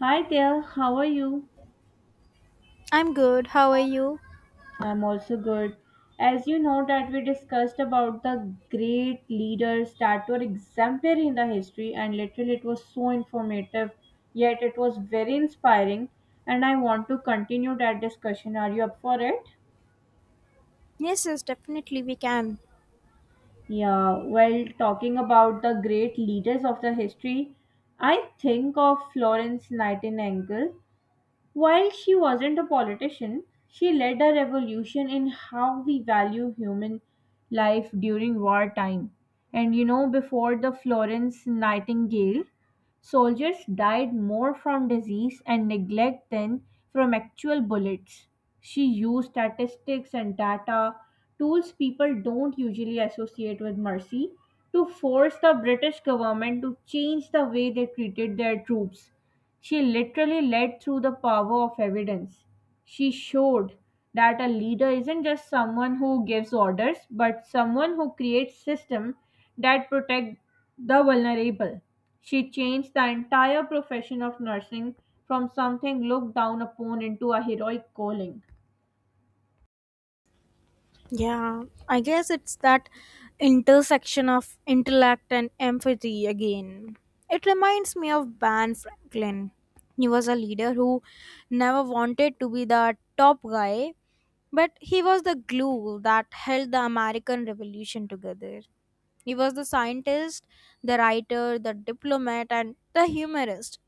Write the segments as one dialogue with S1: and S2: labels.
S1: Hi there, how are you?
S2: I'm good. How are you?
S1: I'm also good. As you know that we discussed about the great leaders that were exemplary in the history and literally it was so informative, yet it was very inspiring and I want to continue that discussion. Are you up for it?
S2: Yes, yes, definitely we can.
S1: Yeah, well, talking about the great leaders of the history, I think of Florence Nightingale. While she wasn't a politician, she led a revolution in how we value human life during wartime. Before the Florence Nightingale, soldiers died more from disease and neglect than from actual bullets. She used statistics and data, tools people don't usually associate with mercy, to force the British government to change the way they treated their troops. She literally led through the power of evidence. She showed that a leader isn't just someone who gives orders, but someone who creates systems that protect the vulnerable. She changed the entire profession of nursing from something looked down upon into a heroic calling.
S2: Yeah, I guess it's that intersection of intellect and empathy again. It reminds me of Ben Franklin. He was a leader who never wanted to be the top guy, but he was the glue that held the American Revolution together. He was the scientist, the writer, the diplomat, and the humorist.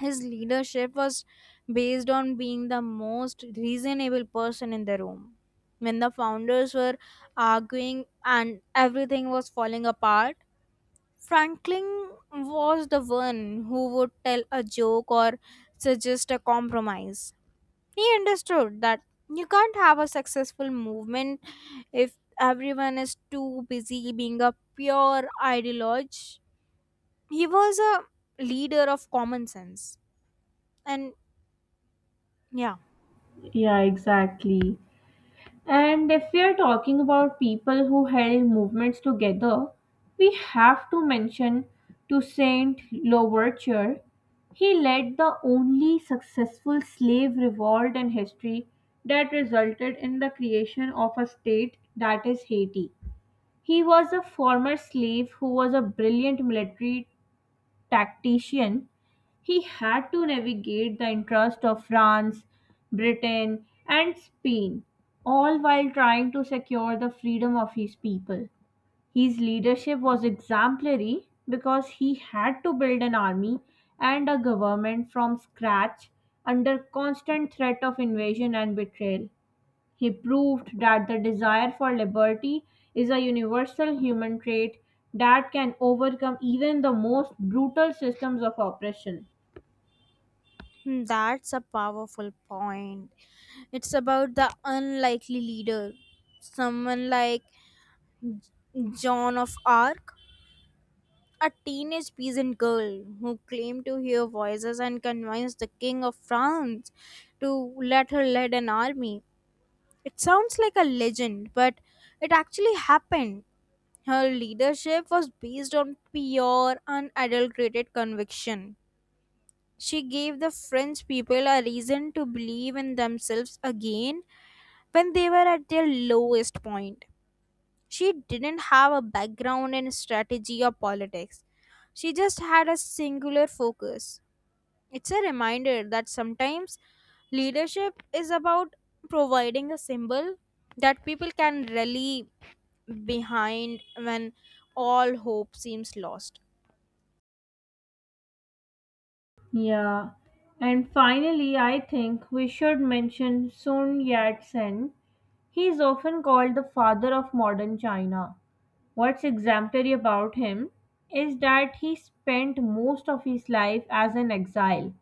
S2: His leadership was based on being the most reasonable person in the room. When the founders were arguing and everything was falling apart, Franklin was the one who would tell a joke or suggest a compromise. He understood that you can't have a successful movement if everyone is too busy being a pure ideologue. He was a leader of common sense. And yeah.
S1: Yeah, exactly. And if we are talking about people who held movements together, we have to mention Toussaint Louverture. He led the only successful slave revolt in history that resulted in the creation of a state that is Haiti. He was a former slave who was a brilliant military tactician. He had to navigate the interests of France, Britain, and Spain, all while trying to secure the freedom of his people. His leadership was exemplary because he had to build an army and a government from scratch under constant threat of invasion and betrayal. He proved that the desire for liberty is a universal human trait that can overcome even the most brutal systems of oppression.
S2: Hmm, that's a powerful point. It's about the unlikely leader, someone like Joan of Arc, a teenage peasant girl who claimed to hear voices and convinced the king of France to let her lead an army. It sounds like a legend, but it actually happened. Her leadership was based on pure, unadulterated conviction. She gave the French people a reason to believe in themselves again when they were at their lowest point. She didn't have a background in strategy or politics. She just had a singular focus. It's a reminder that sometimes leadership is about providing a symbol that people can rally behind when all hope seems lost.
S1: Yeah. And finally, I think we should mention Sun Yat-sen. He is often called the father of modern China. What's exemplary about him is that he spent most of his life as an exile,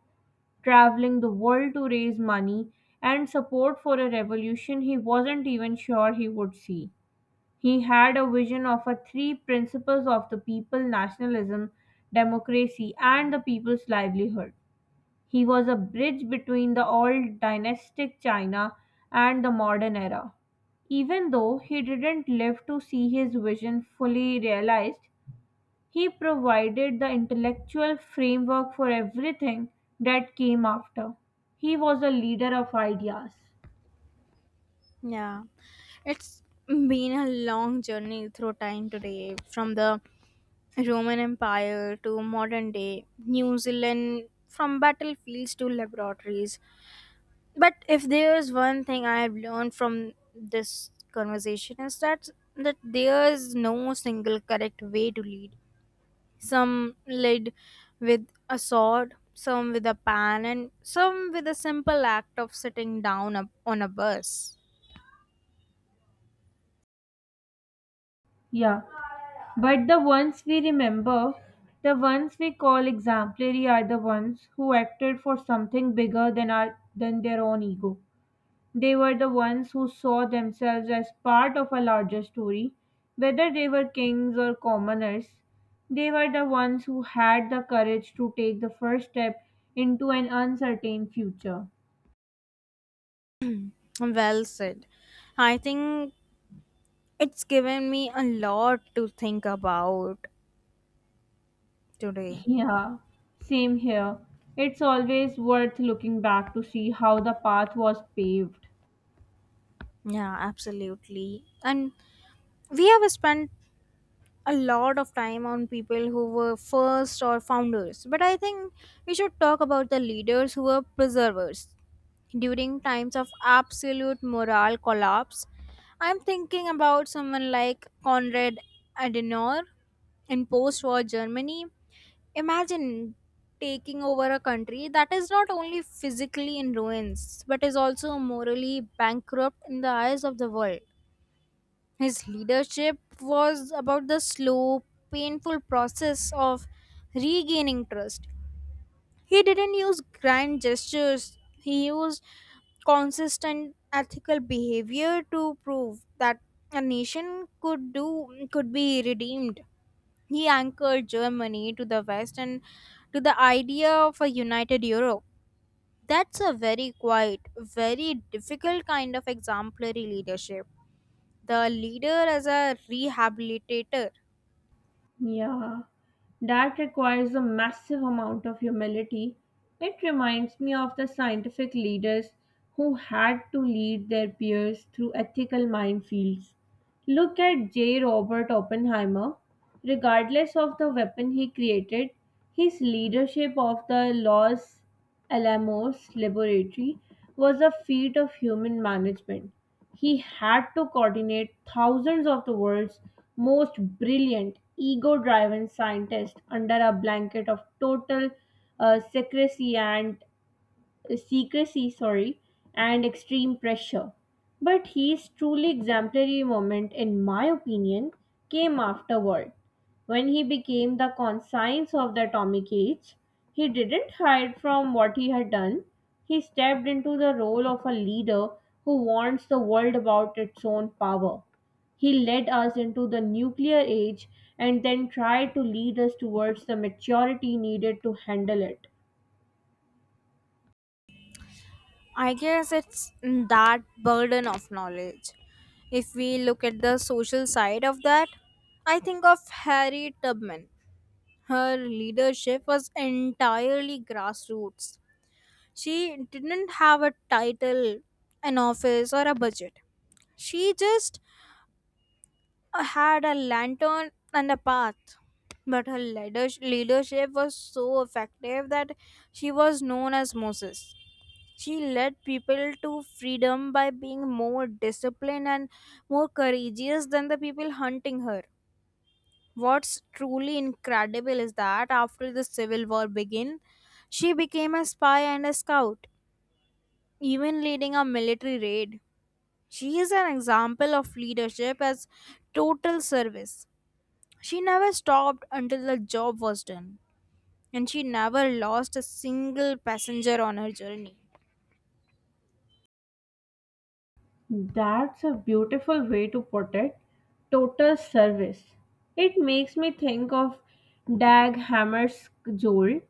S1: traveling the world to raise money and support for a revolution he wasn't even sure he would see. He had a vision of a three principles of the people: nationalism, democracy, and the people's livelihood. He was a bridge between the old dynastic China and the modern era. Even though he didn't live to see his vision fully realized, he provided the intellectual framework for everything that came after. He was a leader of ideas.
S2: Yeah, it's been a long journey through time today, from the Roman Empire to modern day, New Zealand, from battlefields to laboratories. But if there's one thing I have learned from this conversation is that there's no single correct way to lead. Some lead with a sword, some with a pan, and some with a simple act of sitting down up on a bus.
S1: Yeah, but the ones we remember, the ones we call exemplary, are the ones who acted for something bigger than our than their own ego. They were the ones who saw themselves as part of a larger story. Whether they were kings or commoners, they were the ones who had the courage to take the first step into an uncertain future.
S2: Well said. I think it's given me a lot to think about today.
S1: Yeah, same here. It's always worth looking back to see how the path was paved.
S2: Yeah, absolutely. And we have spent a lot of time on people who were first or founders, but I think we should talk about the leaders who were preservers. During times of absolute moral collapse, I'm thinking about someone like Konrad Adenauer in post war Germany. Imagine taking over a country that is not only physically in ruins but is also morally bankrupt in the eyes of the world. His leadership was about the slow, painful process of regaining trust. He didn't use grand gestures, he used consistent ethical behavior to prove that a nation could be redeemed. He anchored Germany to the West and to the idea of a united Europe. That's a very quiet, very difficult kind of exemplary leadership. The leader as a rehabilitator.
S1: Yeah, that requires a massive amount of humility. It reminds me of the scientific leaders who had to lead their peers through ethical minefields. Look at J. Robert Oppenheimer. Regardless of the weapon he created, his leadership of the Los Alamos Laboratory was a feat of human management. He had to coordinate thousands of the world's most brilliant, ego driven scientists under a blanket of total uh, secrecy and secrecy, sorry, and extreme pressure. But his truly exemplary moment, in my opinion, came afterward. When he became the conscience of the atomic age, he didn't hide from what he had done. He stepped into the role of a leader who warns the world about its own power. He led us into the nuclear age and then tried to lead us towards the maturity needed to handle it.
S2: I guess it's that burden of knowledge. If we look at the social side of that, I think of Harriet Tubman. Her leadership was entirely grassroots. She didn't have a title, an office, or a budget. She just had a lantern and a path. But her leadership was so effective that she was known as Moses. She led people to freedom by being more disciplined and more courageous than the people hunting her. What's truly incredible is that after the Civil War began, she became a spy and a scout, even leading a military raid. She is an example of leadership as total service. She never stopped until the job was done, and she never lost a single passenger on her journey.
S1: That's a beautiful way to put it. Total service. It makes me think of Dag Hammarskjöld,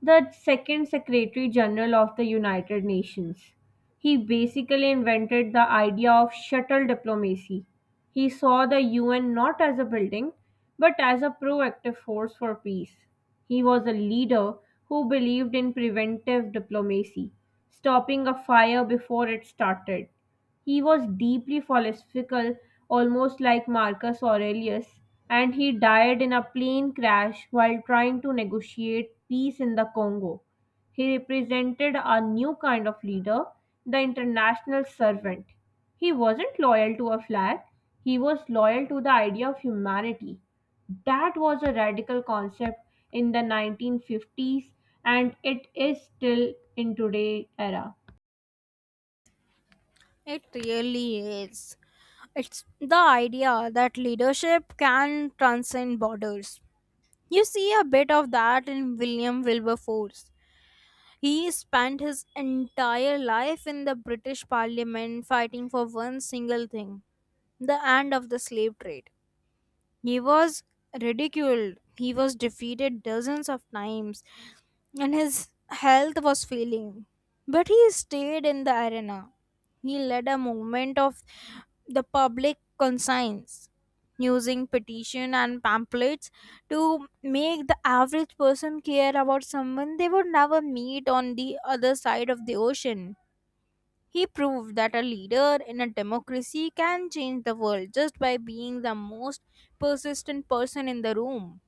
S1: the second Secretary General of the United Nations. He basically invented the idea of shuttle diplomacy. He saw the UN not as a building, but as a proactive force for peace. He was a leader who believed in preventive diplomacy, stopping a fire before it started. He was deeply philosophical, almost like Marcus Aurelius, and he died in a plane crash while trying to negotiate peace in the Congo. He represented a new kind of leader, the international servant. He wasn't loyal to a flag, he was loyal to the idea of humanity. That was a radical concept in the 1950s and it is still in today's era.
S2: It really is. It's the idea that leadership can transcend borders. You see a bit of that in William Wilberforce. He spent his entire life in the British Parliament fighting for one single thing: the end of the slave trade. He was ridiculed, he was defeated dozens of times, and his health was failing. But he stayed in the arena. He led a movement of the public conscience using petition and pamphlets to make the average person care about someone they would never meet on the other side of the ocean. He proved that a leader in a democracy can change the world just by being the most persistent person in the room.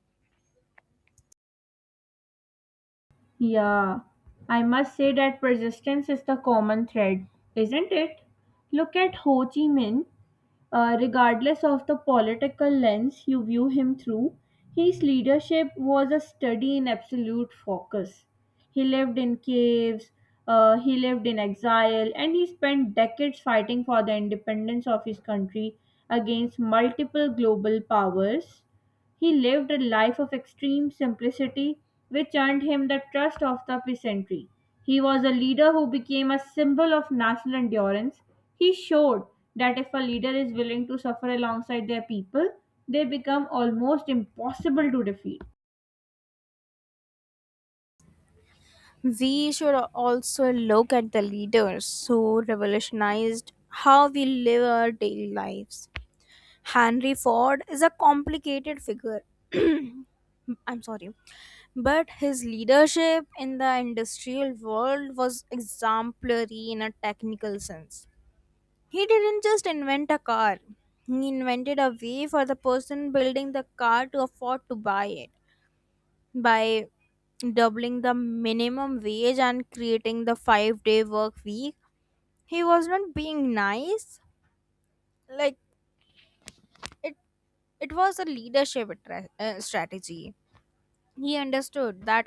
S1: Yeah, I must say that persistence is the common thread, isn't it? Look at Ho Chi Minh. Regardless of the political lens you view him through, his leadership was a study in absolute focus. He lived in caves, he lived in exile, and he spent decades fighting for the independence of his country against multiple global powers. He lived a life of extreme simplicity, which earned him the trust of the peasantry. He was a leader who became a symbol of national endurance. He showed that if a leader is willing to suffer alongside their people, they become almost impossible to defeat.
S2: We should also look at the leaders who revolutionized how we live our daily lives. Henry Ford is a complicated figure. I'm sorry. But his leadership in the industrial world was exemplary in a technical sense. He didn't just invent a car, he invented a way for the person building the car to afford to buy it by doubling the minimum wage and creating the 5-day work week. He was not being nice. Like it it was a leadership strategy. He understood that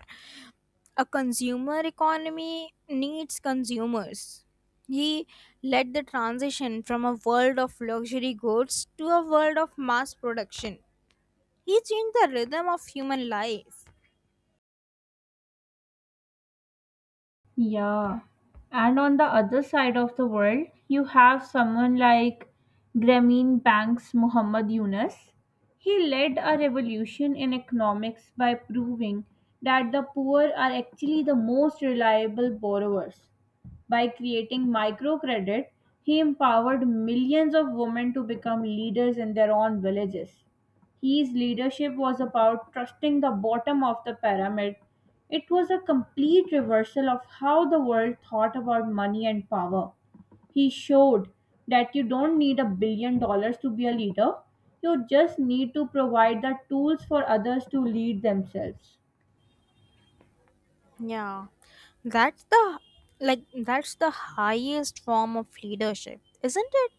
S2: a consumer economy needs consumers. He led the transition from a world of luxury goods to a world of mass production. He changed the rhythm of human life.
S1: Yeah. And on the other side of the world, you have someone like Grameen Bank's Muhammad Yunus. He led a revolution in economics by proving that the poor are actually the most reliable borrowers. By creating microcredit, he empowered millions of women to become leaders in their own villages. His leadership was about trusting the bottom of the pyramid. It was a complete reversal of how the world thought about money and power. He showed that you don't need a billion dollars to be a leader, you just need to provide the tools for others to lead themselves.
S2: Yeah, that's the like, that's the highest form of leadership, isn't it?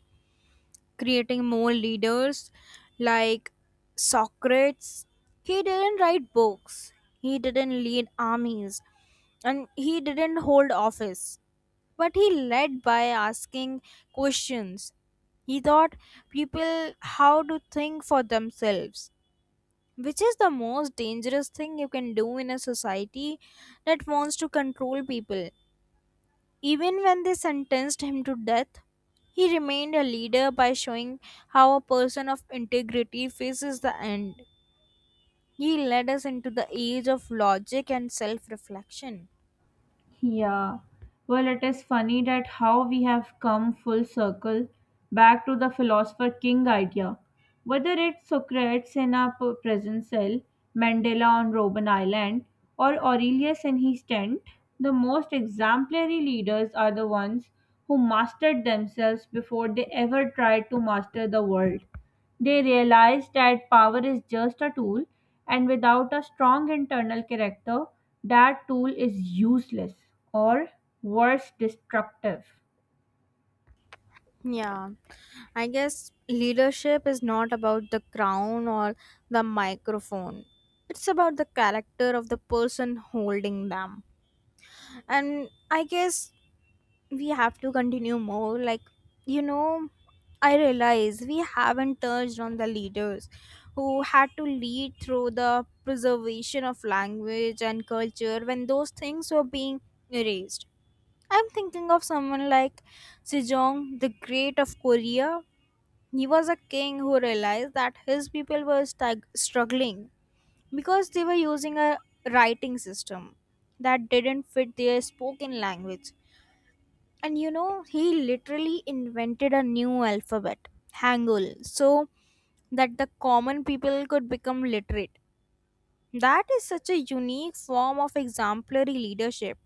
S2: Creating more leaders, like Socrates. He didn't write books, he didn't lead armies, and he didn't hold office, but he led by asking questions. He taught people how to think for themselves, which is the most dangerous thing you can do in a society that wants to control people. Even when they sentenced him to death, he remained a leader by showing how a person of integrity faces the end. He led us into the age of logic and self reflection.
S1: Yeah. Well, it is funny that how we have come full circle back to the philosopher king idea. Whether it's Socrates in our prison cell, Mandela on Robben Island, or Aurelius in his tent, the most exemplary leaders are the ones who mastered themselves before they ever tried to master the world. They realize that power is just a tool, and without a strong internal character, that tool is useless or worse, destructive.
S2: Yeah, I guess leadership is not about the crown or the microphone. It's about the character of the person holding them. And I guess we have to continue more, like, you know I realize we haven't touched on the leaders who had to lead through the preservation of language and culture when those things were being erased. I'm thinking of someone like Sejong the Great of Korea. He was a king who realized that his people were struggling because they were using a writing system that didn't fit their spoken language. And he literally invented a new alphabet, Hangul, so that the common people could become literate. That is such a unique form of exemplary leadership,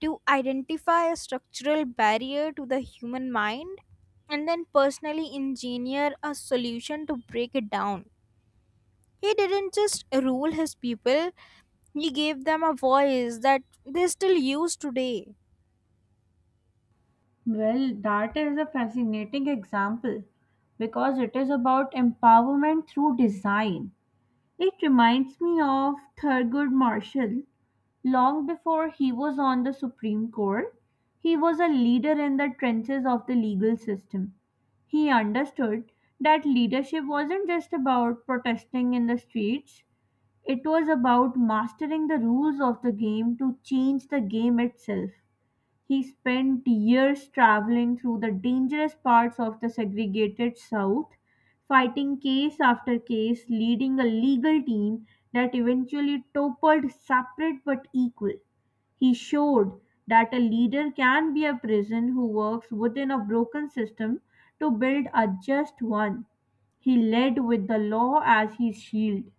S2: to identify a structural barrier to the human mind and then personally engineer a solution to break it down. He didn't just rule his people, he gave them a voice that they still use today.
S1: Well, that is a fascinating example because it is about empowerment through design. It reminds me of Thurgood Marshall. Long before he was on the Supreme Court, he was a leader in the trenches of the legal system. He understood that leadership wasn't just about protesting in the streets, it was about mastering the rules of the game to change the game itself. He spent years traveling through the dangerous parts of the segregated South, fighting case after case, leading a legal team that eventually toppled separate but equal. He showed that a leader can be a person who works within a broken system to build a just one. He led with the law as his shield.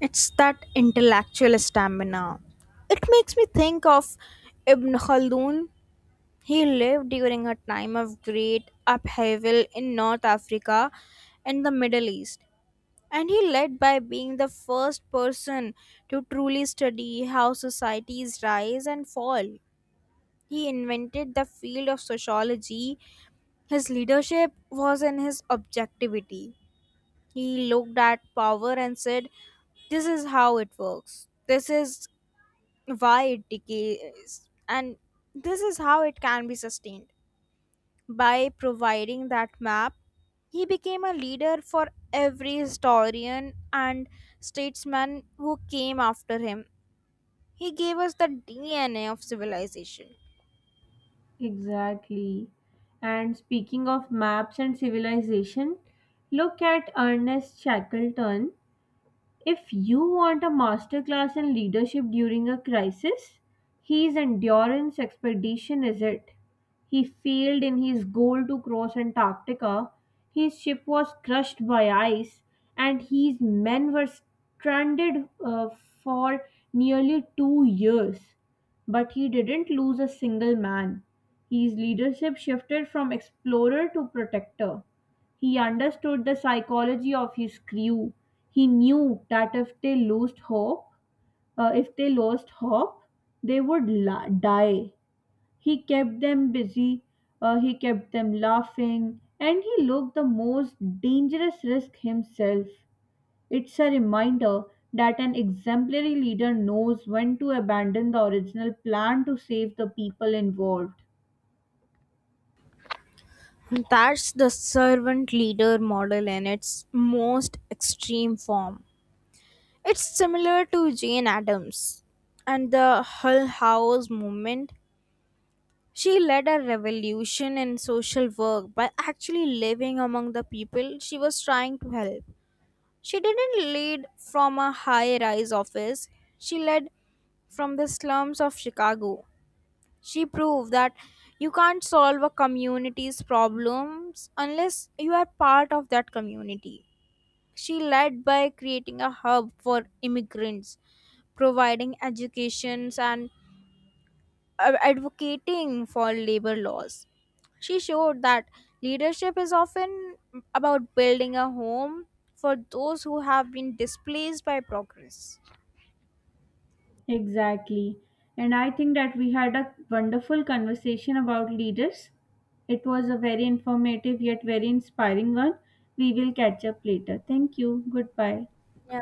S2: It's that intellectual stamina. It makes me think of Ibn Khaldun. He lived during a time of great upheaval in North Africa and the Middle East, and he led by being the first person to truly study how societies rise and fall. He invented the field of sociology. His leadership was in his objectivity. He looked at power and said, this is how it works, this is why it decays, and this is how it can be sustained. By providing that map, he became a leader for every historian and statesman who came after him. He gave us the dna of civilization.
S1: Exactly. And speaking of maps and civilization, look at Ernest Shackleton. If you want a masterclass in leadership during a crisis, his endurance expedition is it. He failed in his goal to cross Antarctica, his ship was crushed by ice, and his men were stranded for nearly 2 years. But he didn't lose a single man. His leadership shifted from explorer to protector. He understood the psychology of his crew. He knew that if they lost hope, they would die. He kept them busy. He kept them laughing, and he looked the most dangerous risk himself. It's a reminder that an exemplary leader knows when to abandon the original plan to save the people involved.
S2: That's the servant leader model in its most extreme form. It's similar to Jane Addams and the Hull House movement. She led a revolution in social work by actually living among the people she was trying to help. She didn't lead from a high rise office, she led from the slums of Chicago. She proved that you can't solve a community's problems unless you are part of that community. She led by creating a hub for immigrants, providing educations and advocating for labor laws. She showed that leadership is often about building a home for those who have been displaced by progress.
S1: Exactly. And I think that we had a wonderful conversation about leaders. It was a very informative yet very inspiring one. We will catch up later. Thank you. Goodbye.
S2: Yeah,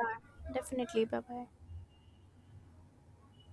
S2: definitely. Bye bye.